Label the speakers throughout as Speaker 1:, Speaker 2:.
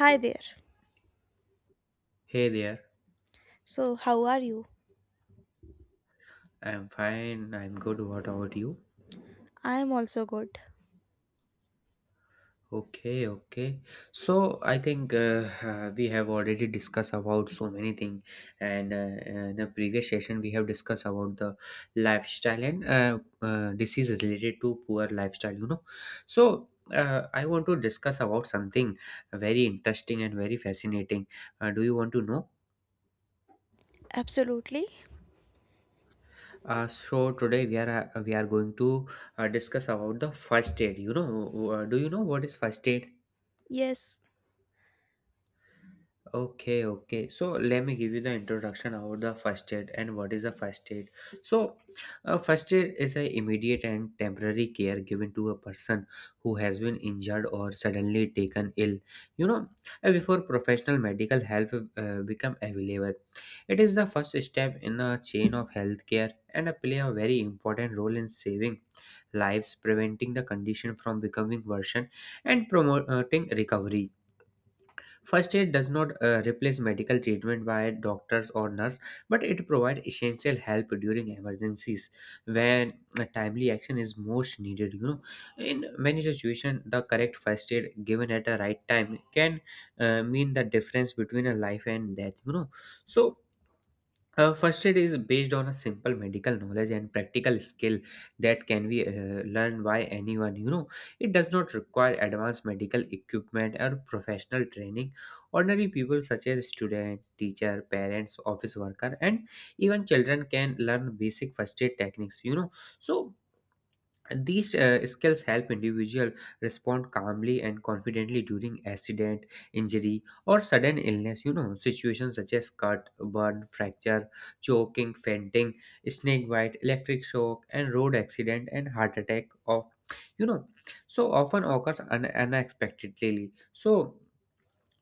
Speaker 1: Hi there.
Speaker 2: Hey there,
Speaker 1: So, how are you?
Speaker 2: I'm fine, I'm good. What about you?
Speaker 1: I am also good.
Speaker 2: Okay, okay. So I think we have already discussed about so many things, and in the previous session we have discussed about the lifestyle and disease related to poor lifestyle. So I want to discuss about something very interesting and very fascinating. Do you want to know?
Speaker 1: Absolutely.
Speaker 2: So today we are going to discuss about the first aid. Do you know what is first aid?
Speaker 1: Yes.
Speaker 2: Okay, okay. So let me give you the introduction about the first aid and what is a first aid. So, first aid is a immediate and temporary care given to a person who has been injured or suddenly taken ill. You know, Before professional medical help become available, it is the first step in a chain of healthcare and play a very important role in saving lives, preventing the condition from becoming worsened, and promoting recovery. First aid does not replace medical treatment by doctors or nurse, but it provides essential help during emergencies when a timely action is most needed. You know, in many situations, the correct first aid given at the right time can mean the difference between a life and death. So first aid is based on a simple medical knowledge and practical skill that can be learned by anyone. You know, it does not require advanced medical equipment or professional training. Ordinary people, such as student, teacher, parents, office worker, and even children, can learn basic first aid techniques. So and these skills help individual respond calmly and confidently during accident, injury, or sudden illness. You know, situations such as cut, burn, fracture, choking, fainting, snake bite, electric shock, and road accident and heart attack. You know, so often occurs unexpectedly. So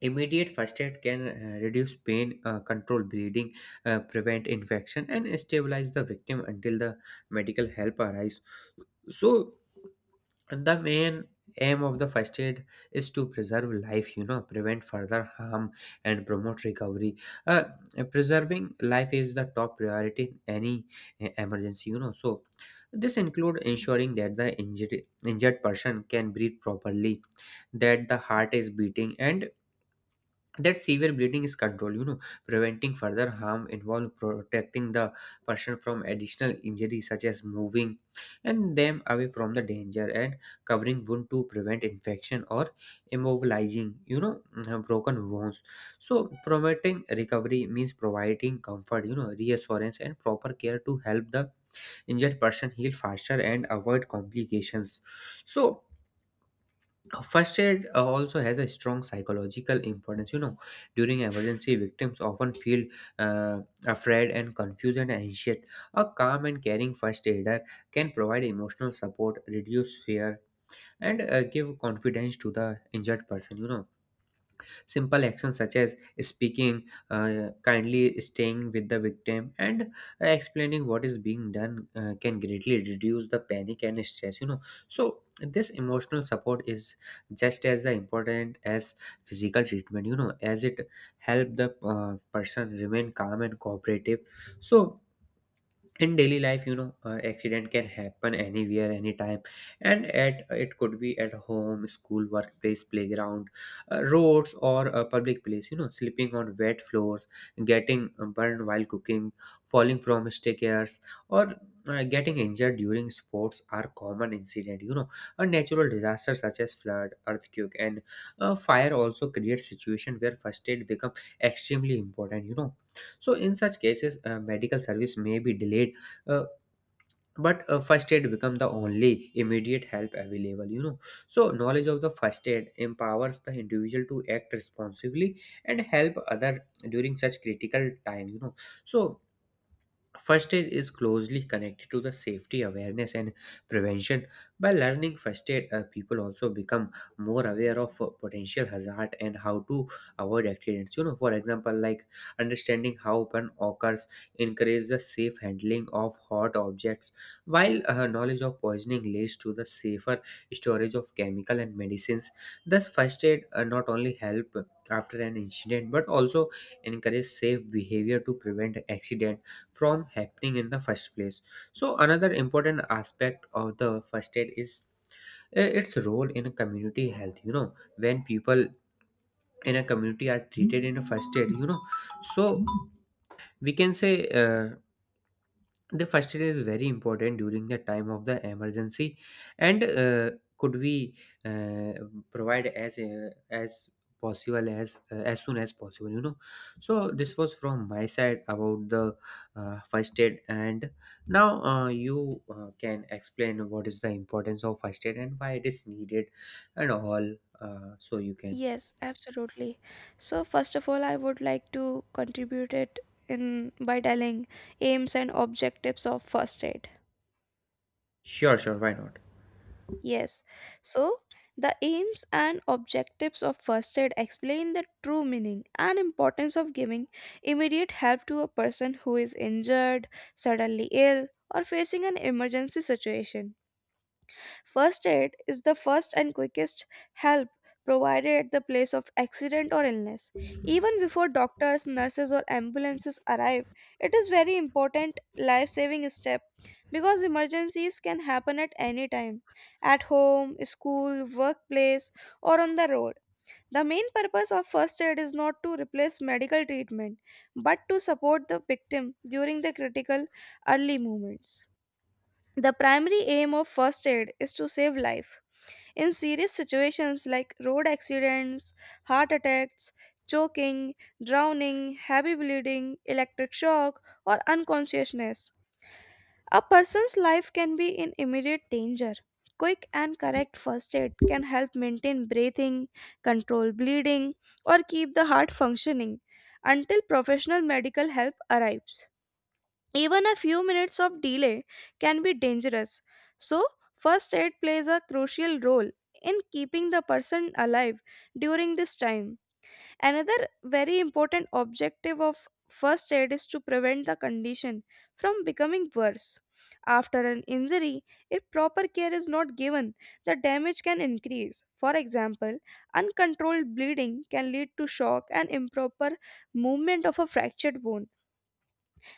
Speaker 2: immediate first aid can reduce pain, control bleeding, prevent infection, and stabilize the victim until the medical help arrives. So the main aim of the first aid is to preserve life, you know, prevent further harm, and promote recovery. uh, Preserving life is the top priority in any emergency, you know. So this include ensuring that the injured person can breathe properly, that the heart is beating, and that severe bleeding is controlled, you know. Preventing further harm involve protecting the person from additional injuries, such as moving and them away from the danger and covering wound to prevent infection or immobilizing, broken wounds. So promoting recovery means providing comfort, you know, reassurance and proper care to help the injured person heal faster and avoid complications. So first aid also has a strong psychological importance. You know, during emergency, victims often feel uh, afraid and confused and anxious. A calm and caring first aider can provide emotional support, reduce fear, and give confidence to the injured person. You know, simple actions such as speaking kindly, staying with the victim, and explaining what is being done can greatly reduce the panic and stress. You know, so this emotional support is just as the important as physical treatment. You know, as it help the person remain calm and cooperative. So in daily life, you know, accident can happen anywhere anytime, and at it could be at home, school, workplace, playground, roads, or a public place, you know. Slipping on wet floors, getting burned while cooking, falling from stairs, or getting injured during sports are common incident, you know. A natural disaster such as flood, earthquake, and fire also create situation where first aid become extremely important, you know. So in such cases, medical service may be delayed, uh, but first aid become the only immediate help available, you know. So knowledge of the first aid empowers the individual to act responsibly and help other during such critical time, you know. So first aid is closely connected to the safety awareness and prevention. By learning first aid, people also become more aware of potential hazard and how to avoid accidents. You know, for example, like, understanding how burn occurs encourages the safe handling of hot objects, while knowledge of poisoning leads to the safer storage of chemical and medicines. Thus, first aid not only help after an incident but also encourage safe behavior to prevent accident from happening in the first place. So another important aspect of the first aid is its role in community health. You know, when people in a community are treated in a first aid, you know, so we can say, the first aid is very important during the time of the emergency, and could we uh, provide as possible as soon as possible, you know. So this was from my side about the first aid, and now you can explain what is the importance of first aid and why it is needed and all. So you can.
Speaker 1: Yes, absolutely. So, first of all, I would like to contribute it in by telling aims and objectives of first aid.
Speaker 2: Sure, sure, why not?
Speaker 1: Yes. So, the aims and objectives of first aid explain the true meaning and importance of giving immediate help to a person who is injured, suddenly ill, or facing an emergency situation. First aid is the first and quickest help provided at the place of accident or illness. Even before doctors, nurses, or ambulances arrive, it is very important life-saving step because emergencies can happen at any time, at home, school, workplace, or on the road. The main purpose of first aid is not to replace medical treatment, but to support the victim during the critical early moments. The primary aim of first aid is to save life in serious situations like road accidents, heart attacks, choking, drowning, heavy bleeding, electric shock, or unconsciousness, a person's life can be in immediate danger. Quick and correct first aid can help maintain breathing, control bleeding, or keep the heart functioning until professional medical help arrives. Even a few minutes of delay can be dangerous. So, first aid plays a crucial role in keeping the person alive during this time. Another very important objective of first aid is to prevent the condition from becoming worse. After an injury, if proper care is not given, the damage can increase. For example, uncontrolled bleeding can lead to shock and improper movement of a fractured bone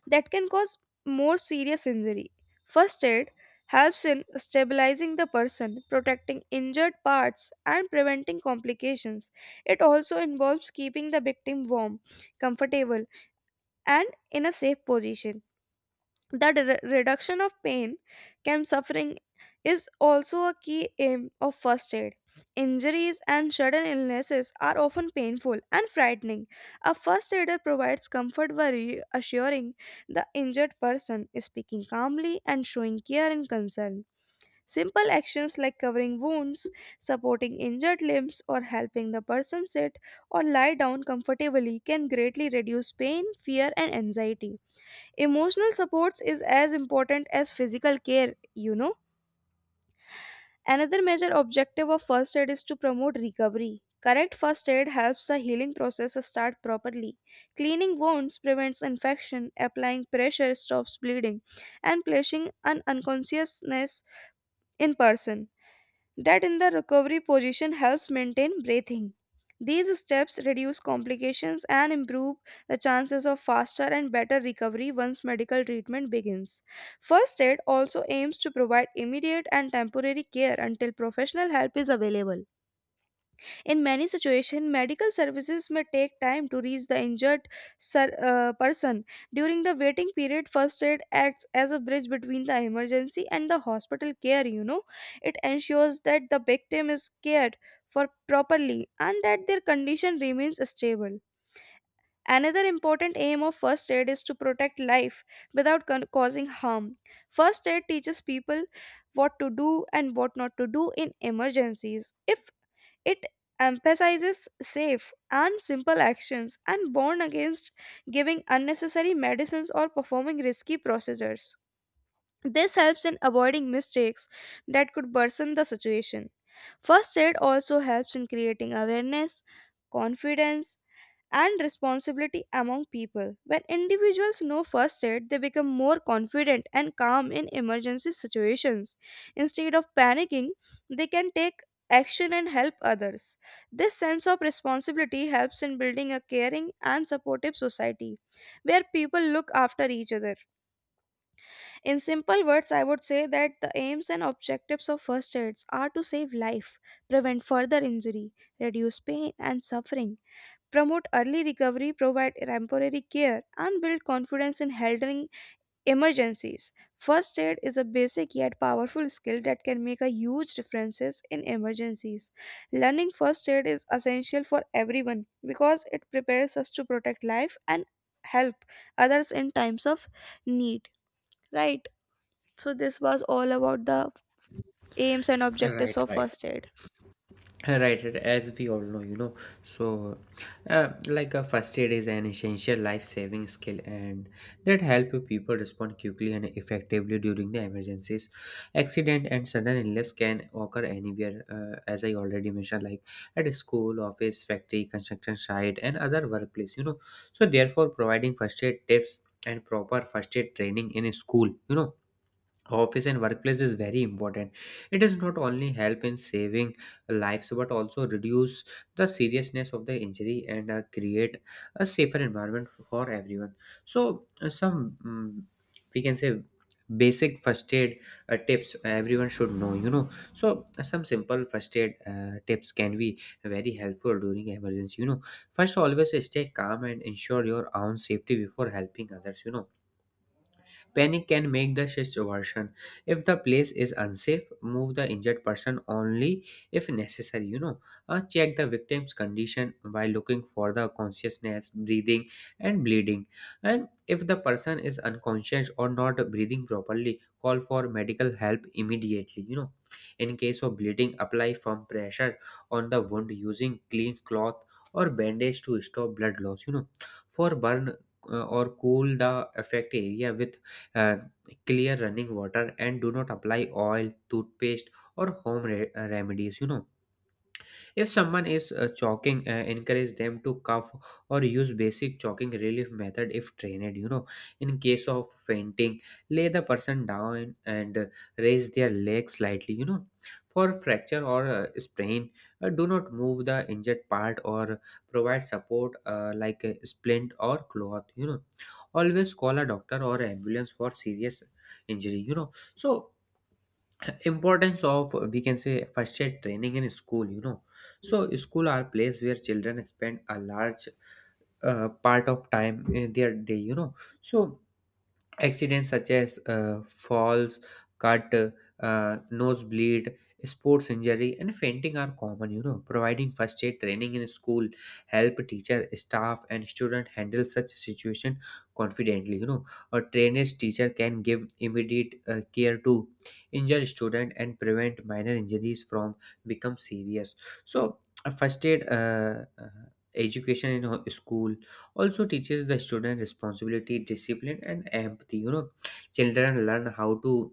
Speaker 1: that can cause more serious injury. First aid helps in stabilizing the person, protecting injured parts, and preventing complications. It also involves keeping the victim warm, comfortable, and in a safe position that reduction of pain can suffering is also a key aim of first aid injuries and sudden illnesses are often painful and frightening. A first aider provides comfort by reassuring the injured person, speaking calmly and showing care and concern. Simple actions like covering wounds, supporting injured limbs, or helping the person sit or lie down comfortably can greatly reduce pain, fear, and anxiety. Emotional supports is as important as physical care, you know. Another major objective of first aid is to promote recovery. Correct first aid helps the healing process start properly. Cleaning wounds prevents infection, applying pressure stops bleeding, and placing an unconsciousness in person that in the recovery position helps maintain breathing. These steps reduce complications and improve the chances of faster and better recovery once medical treatment begins. First aid also aims to provide immediate and temporary care until professional help is available. In many situations, medical services may take time to reach the injured person. During the waiting period, first aid acts as a bridge between the emergency and the hospital care, you know. It ensures that the victim is cared for properly and that their condition remains stable. Another important aim of first aid is to protect life without causing harm. First aid teaches people what to do and what not to do in emergencies. If it emphasizes safe and simple actions and warns against giving unnecessary medicines or performing risky procedures. This helps in avoiding mistakes that could worsen the situation. First aid also helps in creating awareness, confidence, and responsibility among people. When individuals know first aid, they become more confident and calm in emergency situations. Instead of panicking, they can take action and help others. This sense of responsibility helps in building a caring and supportive society where people look after each other. In simple words, I would say that the aims and objectives of first aids are to save life, prevent further injury, reduce pain and suffering, promote early recovery, provide temporary care, and build confidence in handling emergencies. First aid is a basic yet powerful skill that can make a huge differences in emergencies. Learning first aid is essential for everyone because it prepares us to protect life and help others in times of need. Right. So this was all about the aims and objectives
Speaker 2: Right,
Speaker 1: of
Speaker 2: right.
Speaker 1: first aid.
Speaker 2: Right, right, as we all know, you know. So like a first aid is an essential life-saving skill and that help people respond quickly and effectively during the emergencies. Accident and sudden illness can occur anywhere, as I already mentioned, like at a school, office, factory, construction site, and other workplace, you know. So therefore providing first aid tips and proper first aid training in a school, you know, office, and workplace is very important. It does not only help in saving lives but also reduce the seriousness of the injury and create a safer environment for everyone. So some, we can say, basic first aid tips everyone should know, you know. So some simple first aid tips can be very helpful during emergency, you know. First, always stay calm and ensure your own safety before helping others, you know. Panic can make the situation. If the place is unsafe, move the injured person only if necessary. Check the victim's condition by looking for the consciousness, breathing, and bleeding. And if the person is unconscious or not breathing properly, call for medical help immediately. You know, in case of bleeding, apply firm pressure on the wound using clean cloth or bandage to stop blood loss. You know, for burn, or cool the affected area with uh, clear running water, and do not apply oil, toothpaste, or home remedies, you know. If someone is chalking, encourage them to cough or use basic chalking relief method if trained. You know, in case of fainting, lay the person down and raise their leg slightly. You know, for fracture or sprain, do not move the injured part or provide support, like a splint or cloth. You know, always call a doctor or ambulance for serious injury. You know, so importance of, we can say, first aid training in school, you know. So school are place where children spend a large part of time in their day, you know. So accidents such as falls, cut, nosebleed, sports injury, and fainting are common. You know, providing first aid training in school help teacher, staff, and student handle such situation confidently. You know, a trained teacher can give immediate care to injured student and prevent minor injuries from become serious. So a first aid education in school also teaches the student responsibility, discipline, and empathy, you know. Children learn how to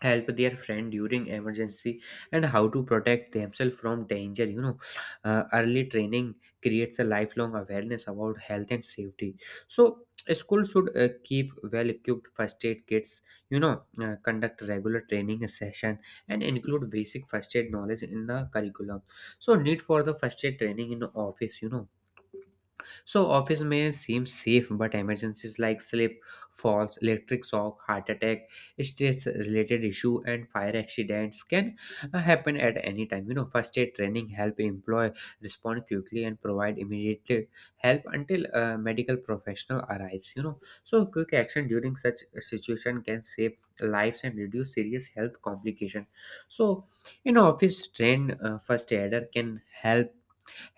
Speaker 2: help their friend during emergency and how to protect themselves from danger, you know. Early training creates a lifelong awareness about health and safety. So school should keep well equipped first aid kits, you know, conduct regular training session, and include basic first aid knowledge in the curriculum. So need for the first aid training in office, you know. So office may seem safe, but emergencies like slip, falls, electric shock, heart attack, stress-related issue, and fire accidents can happen at any time. You know, first aid training help employ respond quickly and provide immediate help until a medical professional arrives. You know, so quick action during such a situation can save lives and reduce serious health complication. So, you know, office trained first aider can help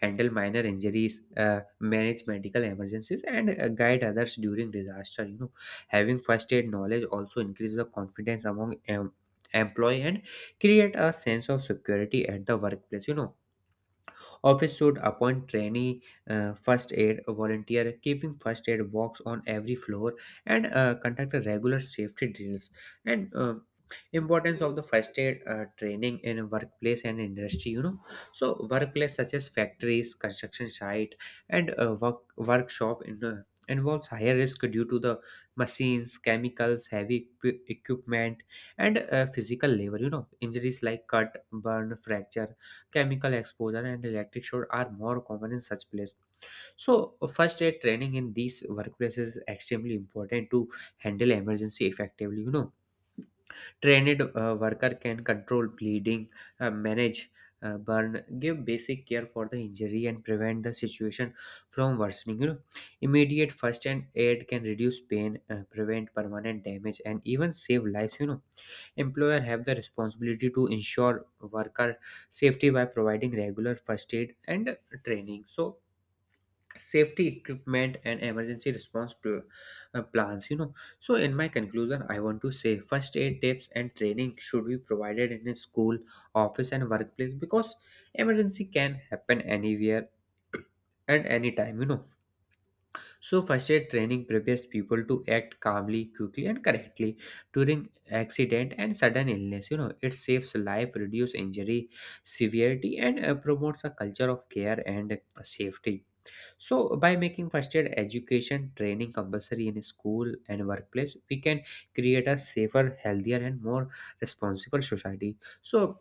Speaker 2: handle minor injuries, manage medical emergencies, and guide others during disaster. You know, having first aid knowledge also increases the confidence among employee and create a sense of security at the workplace. You know, office should appoint trainee first aid volunteer, keeping first aid box on every floor, and conduct a regular safety drills. And importance of the first aid training in workplace and industry. So workplace such as factories, construction site, and workshop in. Involves higher risk due to the machines chemicals heavy equipment and physical labor. Injuries like cut burn fracture chemical exposure and electric shock are more common in such places. So, first aid training in these workplaces is extremely important to handle emergency effectively. Trained worker can control bleeding, manage burn, give basic care for the injury, and prevent the situation from worsening. Immediate first and aid can reduce pain, prevent permanent damage, and even save lives. Employer have the responsibility to ensure worker safety by providing regular first aid and training. So safety equipment and emergency response plans, so in my conclusion I want to say first aid tips and training should be provided in a school office and workplace because emergency can happen anywhere and anytime. So, first aid training prepares people to act calmly, quickly, and correctly during accident and sudden illness. It saves life, reduces injury severity, and promotes a culture of care and safety, so by making first aid education training compulsory in school and workplace, we can create a safer, healthier, and more responsible society. So,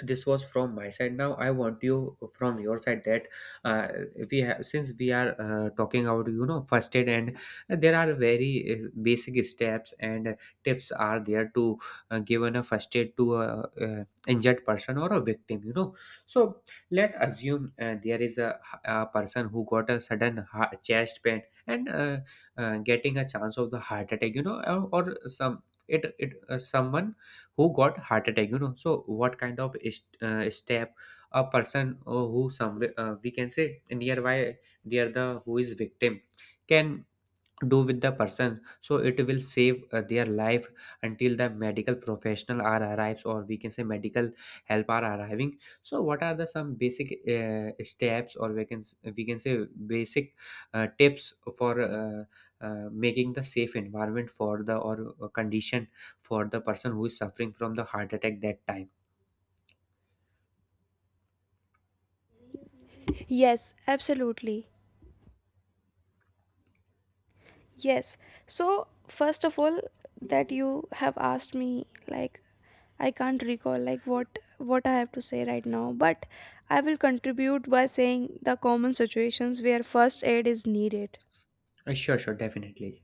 Speaker 2: this was from my side. Now I want you from your side that, uh, we have, since we are talking about, first aid, and there are very basic steps and tips are there to give a first aid to a, injured person or a victim. So let assume there is a person who got a sudden chest pain and getting a chance of the heart attack, or some, it someone who got heart attack, so what kind of step a person who somewhere, we can say, nearby near the who is victim can do with the person so it will save their life until the medical professional are arrives, or we can say medical help are arriving. So what are the some basic steps, or we can we can say basic tips for making the safe environment for the or condition for the person who is suffering from the heart attack that time?
Speaker 1: Yes, absolutely. Yes. So, first of all, that you have asked me, like, I can't recall like what I have to say right now, but I will contribute by saying the common situations where first aid is needed.
Speaker 2: Sure, sure, definitely.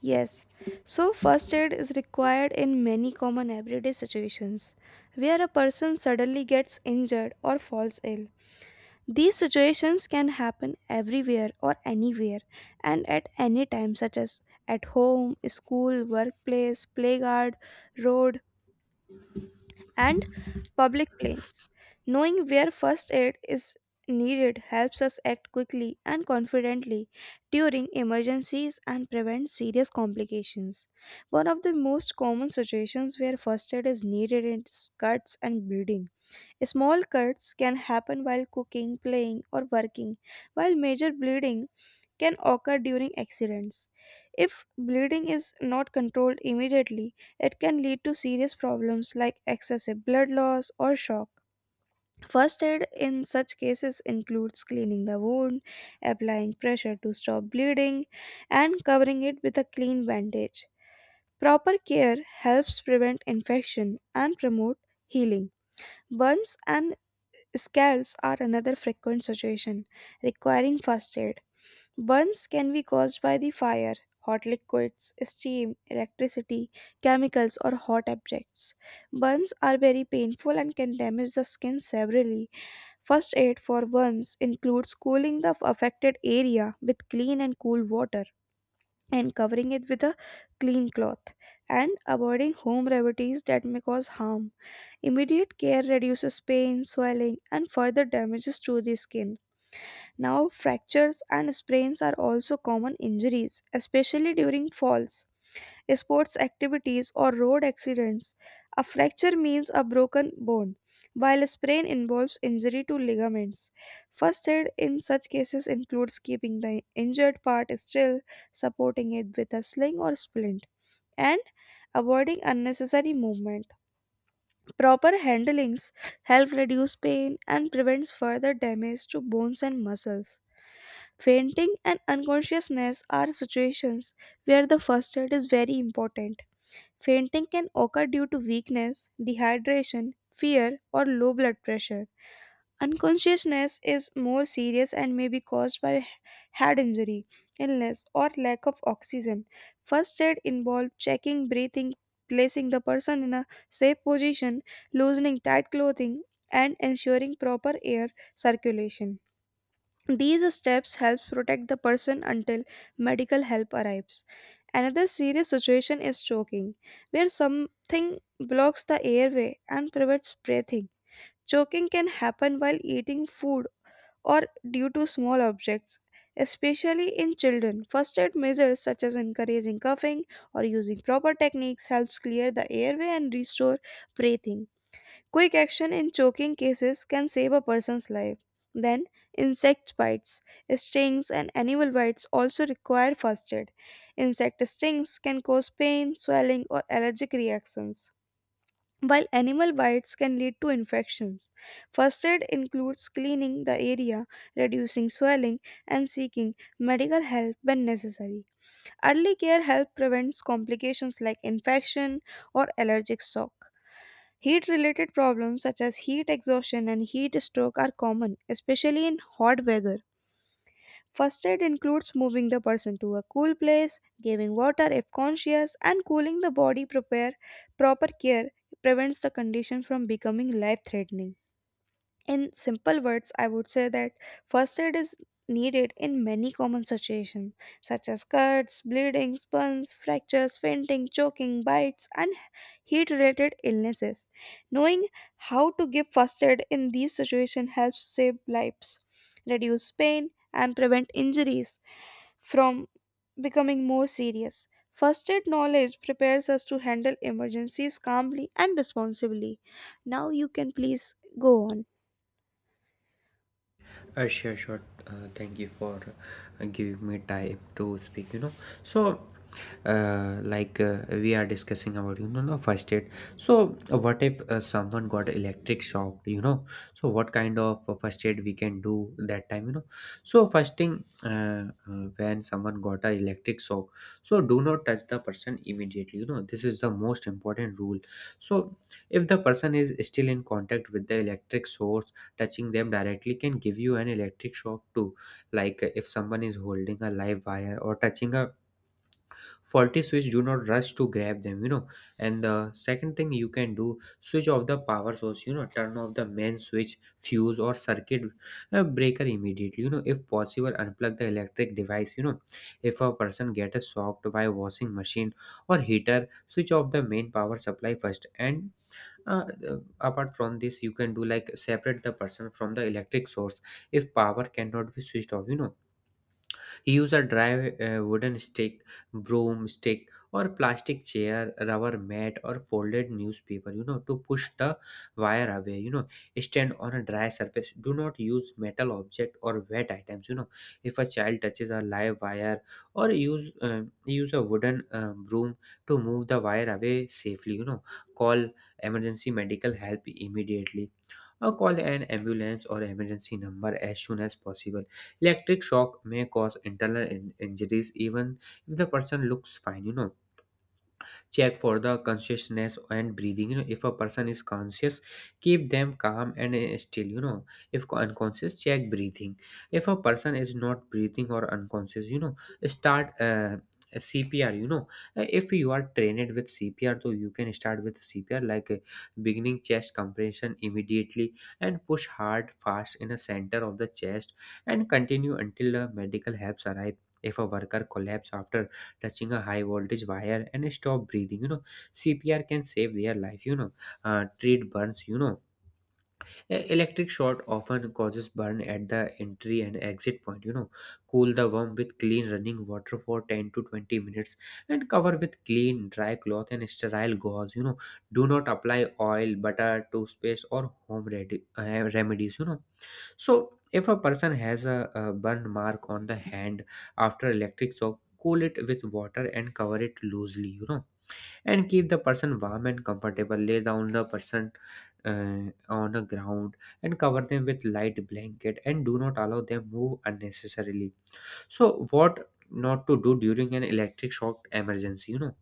Speaker 1: Yes, so first aid is required in many common everyday situations where a person suddenly gets injured or falls ill. These situations can happen everywhere or anywhere and at any time, such as at home, school, workplace, playground, road, and public planes. Knowing where first aid is needed helps us act quickly and confidently during emergencies and prevent serious complications. One of the most common situations where first aid is needed is cuts and bleeding. Small cuts can happen while cooking, playing, or working, while major bleeding can occur during accidents. If bleeding is not controlled immediately, it can lead to serious problems like excessive blood loss or shock. First aid in such cases includes cleaning the wound, applying pressure to stop bleeding, and covering it with a clean bandage. Proper care helps prevent infection and promote healing. Burns and scalds are another frequent situation, requiring first aid. Burns can be caused by the fire, hot liquids, steam, electricity, chemicals, or hot objects. Burns are very painful and can damage the skin severely. First aid for burns includes cooling the affected area with clean and cool water and covering it with a clean cloth and avoiding home remedies that may cause harm. Immediate care reduces pain, swelling, and further damages to the skin. Now, fractures and sprains are also common injuries, especially during falls, sports activities, or road accidents. A fracture means a broken bone, while a sprain involves injury to ligaments. First aid in such cases includes keeping the injured part still, supporting it with a sling or splint, and avoiding unnecessary movement. Proper handlings help reduce pain and prevents further damage to bones and muscles. Fainting and unconsciousness are situations where the first aid is very important. Fainting can occur due to weakness, dehydration, fear, or low blood pressure. Unconsciousness is more serious and may be caused by head injury, illness, or lack of oxygen. First aid involves checking breathing, placing the person in a safe position, loosening tight clothing, and ensuring proper air circulation. These steps help protect the person until medical help arrives. Another serious situation is choking, where something blocks the airway and prevents breathing. Choking can happen while eating food or due to small objects, especially in children. First aid measures such as encouraging coughing or using proper techniques helps clear the airway and restore breathing. Quick action in choking cases can save a person's life. Then, insect bites, stings, and animal bites also require first aid. Insect stings can cause pain, swelling, or allergic reactions. While animal bites can lead to infections, first aid includes cleaning the area, reducing swelling, and seeking medical help when necessary. Early care help prevents complications like infection or allergic shock. Heat related problems such as heat exhaustion and heat stroke are common, especially in hot weather. First aid includes moving the person to a cool place, giving water if conscious, and cooling the body. Prepare proper care prevents the condition from becoming life threatening. In simple words, I would say that first aid is needed in many common situations, such as cuts, bleeding, burns, fractures, fainting, choking, bites, and heat related illnesses. Knowing how to give first aid in these situations helps save lives, reduce pain, and prevent injuries from becoming more serious. First aid knowledge prepares us to handle emergencies calmly and responsibly. Now you can please go on.
Speaker 2: Sure, sure. Thank you for giving me time to speak. So like we are discussing about, the first aid. So what if someone got electric shock? So what kind of first aid we can do that time? So first thing when someone got a electric shock, so do not touch the person immediately. You know, this is the most important rule. So if the person is still in contact with the electric source, touching them directly can give you an electric shock too. Like if someone is holding a live wire or touching a faulty switch, do not rush to grab them, and the second thing you can do, switch off the power source. You know, turn off the main switch fuse or circuit breaker immediately. You know, if possible unplug the electric device. You know, if a person get a shocked by washing machine or heater, switch off the main power supply first, and uh, apart from this you can do like separate the person from the electric source if power cannot be switched off. You know, he used a dry wooden stick, broom stick, or plastic chair, rubber mat, or folded newspaper, you know, to push the wire away. You know, stand on a dry surface. Do not use metal object or wet items. You know, if a child touches a live wire, or use a wooden broom to move the wire away safely. You know, call emergency medical help immediately, or call an ambulance or emergency number as soon as possible. Electric shock may cause internal injuries even if the person looks fine. You know, check for the consciousness and breathing. You know, if a person is conscious, keep them calm and still. You know, if unconscious, check breathing. If a person is not breathing or unconscious, you know, start CPR, you know. If you are trained with CPR, though you can start with CPR, like beginning chest compression immediately, and push hard fast in the center of the chest and continue until the medical helps arrive. If a worker collapse after touching a high voltage wire and stop breathing, you know, CPR can save their life. Treat burns. Electric short often causes burn at the entry and exit point. You know, cool the worm with clean running water for 10 to 20 minutes and cover with clean dry cloth and sterile gauze. You know, do not apply oil butter toothpaste or home remedies. You know, so if a person has a burn mark on the hand after electric shock, cool it with water and cover it loosely, you know, and keep the person warm and comfortable. Lay down the person, uh, on the ground, and cover them with light blanket and do not allow them move unnecessarily. So, what not to do during an electric shock emergency, you know.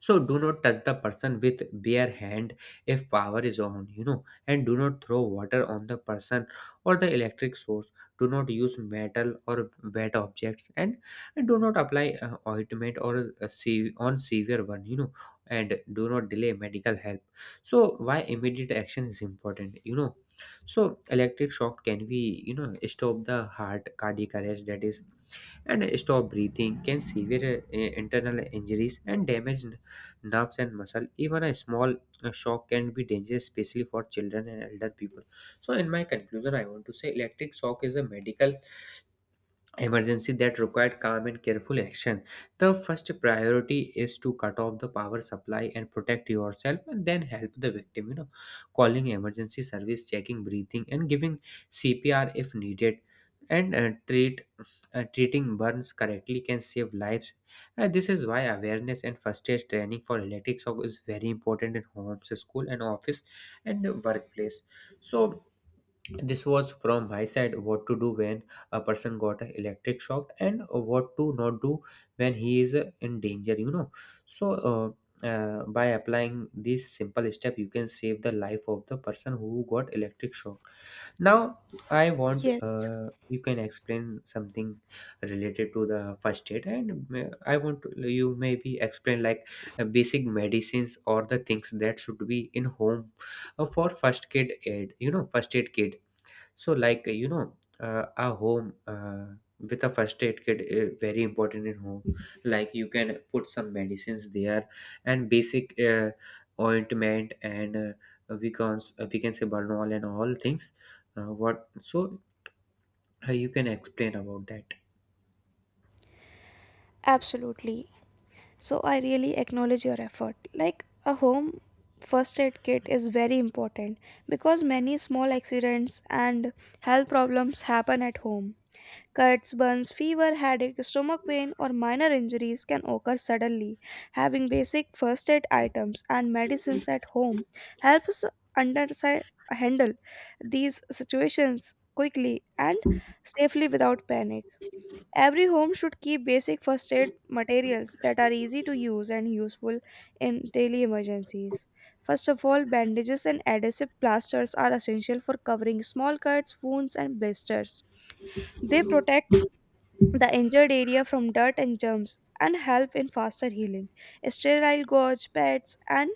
Speaker 2: So do not touch the person with bare hand if power is on, you know, and do not throw water on the person or the electric source. Do not use metal or wet objects, and do not apply ointment or on severe one, you know, and do not delay medical help. So why immediate action is important, you know. So electric shock can be, you know, stop the heart cardiac arrest, that is, and stop breathing, can severe internal injuries and damage nerves and muscle. Even a small shock can be dangerous, especially for children and elder people. So in my conclusion I want to say electric shock is a medical emergency that required calm and careful action. The first priority is to cut off the power supply and protect yourself and then help the victim, you know, calling emergency service, checking breathing and giving CPR if needed, and treating burns correctly can save lives. This is why awareness and first aid training for electric shock is very important in homes, school and office and workplace. So this was from my side, what to do when a person got a electric shock and what to not do when he is in danger, you know. So, by applying this simple step, you can save the life of the person who got electric shock. Now, I want
Speaker 1: Yes,
Speaker 2: you can explain something related to the first aid, and I want to, you maybe explain like basic medicines or the things that should be in home for first aid. You know, first aid kit. So, like, you know, a home with a first aid kit is very important in home. Like you can put some medicines there and basic ointment and, we can say Bernol and all things. What so you can explain about that?
Speaker 1: absolutely. So I really acknowledge your effort. Like a home first aid kit is very important because many small accidents and health problems happen at home. Cuts, burns, fever, headache, stomach pain, or minor injuries can occur suddenly. Having basic first aid items and medicines at home helps under- handle these situations quickly and safely without panic. Every home should keep basic first aid materials that are easy to use and useful in daily emergencies. First of all, bandages and adhesive plasters are essential for covering small cuts, wounds, and blisters. They protect the injured area from dirt and germs and help in faster healing. Sterile gauze, pads, and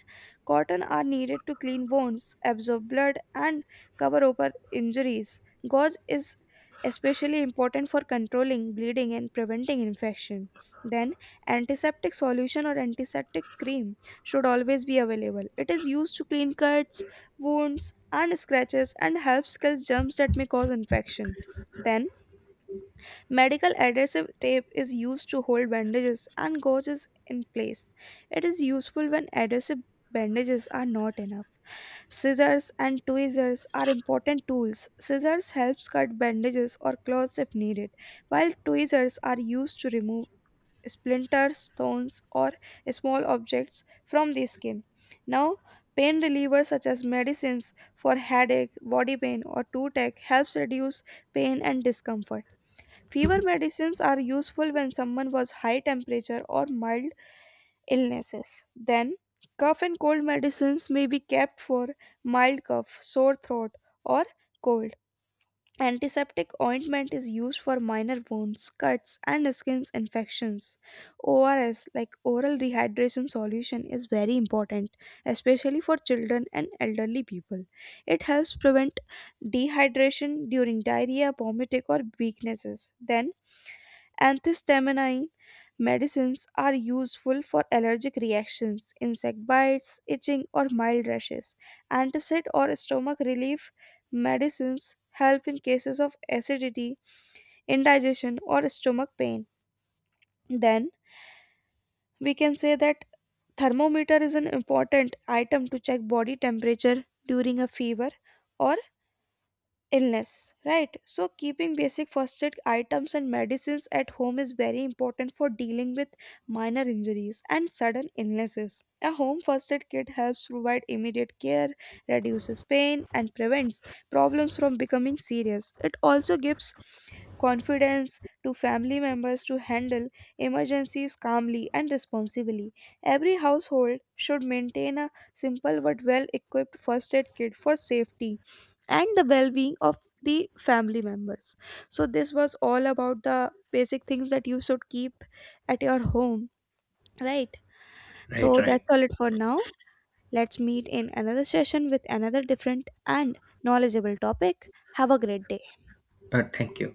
Speaker 1: cotton are needed to clean wounds, absorb blood, and cover over injuries. Gauze is especially important for controlling bleeding and preventing infection. Then, antiseptic solution or antiseptic cream should always be available. It is used to clean cuts, wounds, and scratches and helps kill germs that may cause infection. Then, medical adhesive tape is used to hold bandages and gauges in place. It is useful when adhesive bandages are not enough. Scissors and tweezers are important tools. Scissors helps cut bandages or cloths if needed, while tweezers are used to remove splinters, stones, or small objects from the skin. Now, pain relievers such as medicines for headache, body pain, or toothache helps reduce pain and discomfort. Fever medicines are useful when someone has high temperature or mild illnesses. Then, cough and cold medicines may be kept for mild cough, sore throat, or cold. Antiseptic ointment is used for minor wounds, cuts, and skin infections. ORS, like oral rehydration solution, is very important, especially for children and elderly people. It helps prevent dehydration during diarrhea, vomiting, or weaknesses. Then, antihistamine medicines are useful for allergic reactions, insect bites, itching, or mild rashes. Antacid or stomach relief medicines help in cases of acidity, indigestion, or stomach pain. Then we can say that thermometer is an important item to check body temperature during a fever or illness, right? So, keeping basic first aid items and medicines at home is very important for dealing with minor injuries and sudden illnesses. A home first aid kit helps provide immediate care, reduces pain, and prevents problems from becoming serious. It also gives confidence to family members to handle emergencies calmly and responsibly. Every household should maintain a simple but well equipped first aid kit for safety and the well being of the family members. So, this was all about the basic things that you should keep at your home, right?
Speaker 2: Right,
Speaker 1: So,
Speaker 2: right.
Speaker 1: that's all it for now. Let's meet in another session with another different and knowledgeable topic. Have a great day.
Speaker 2: Thank you.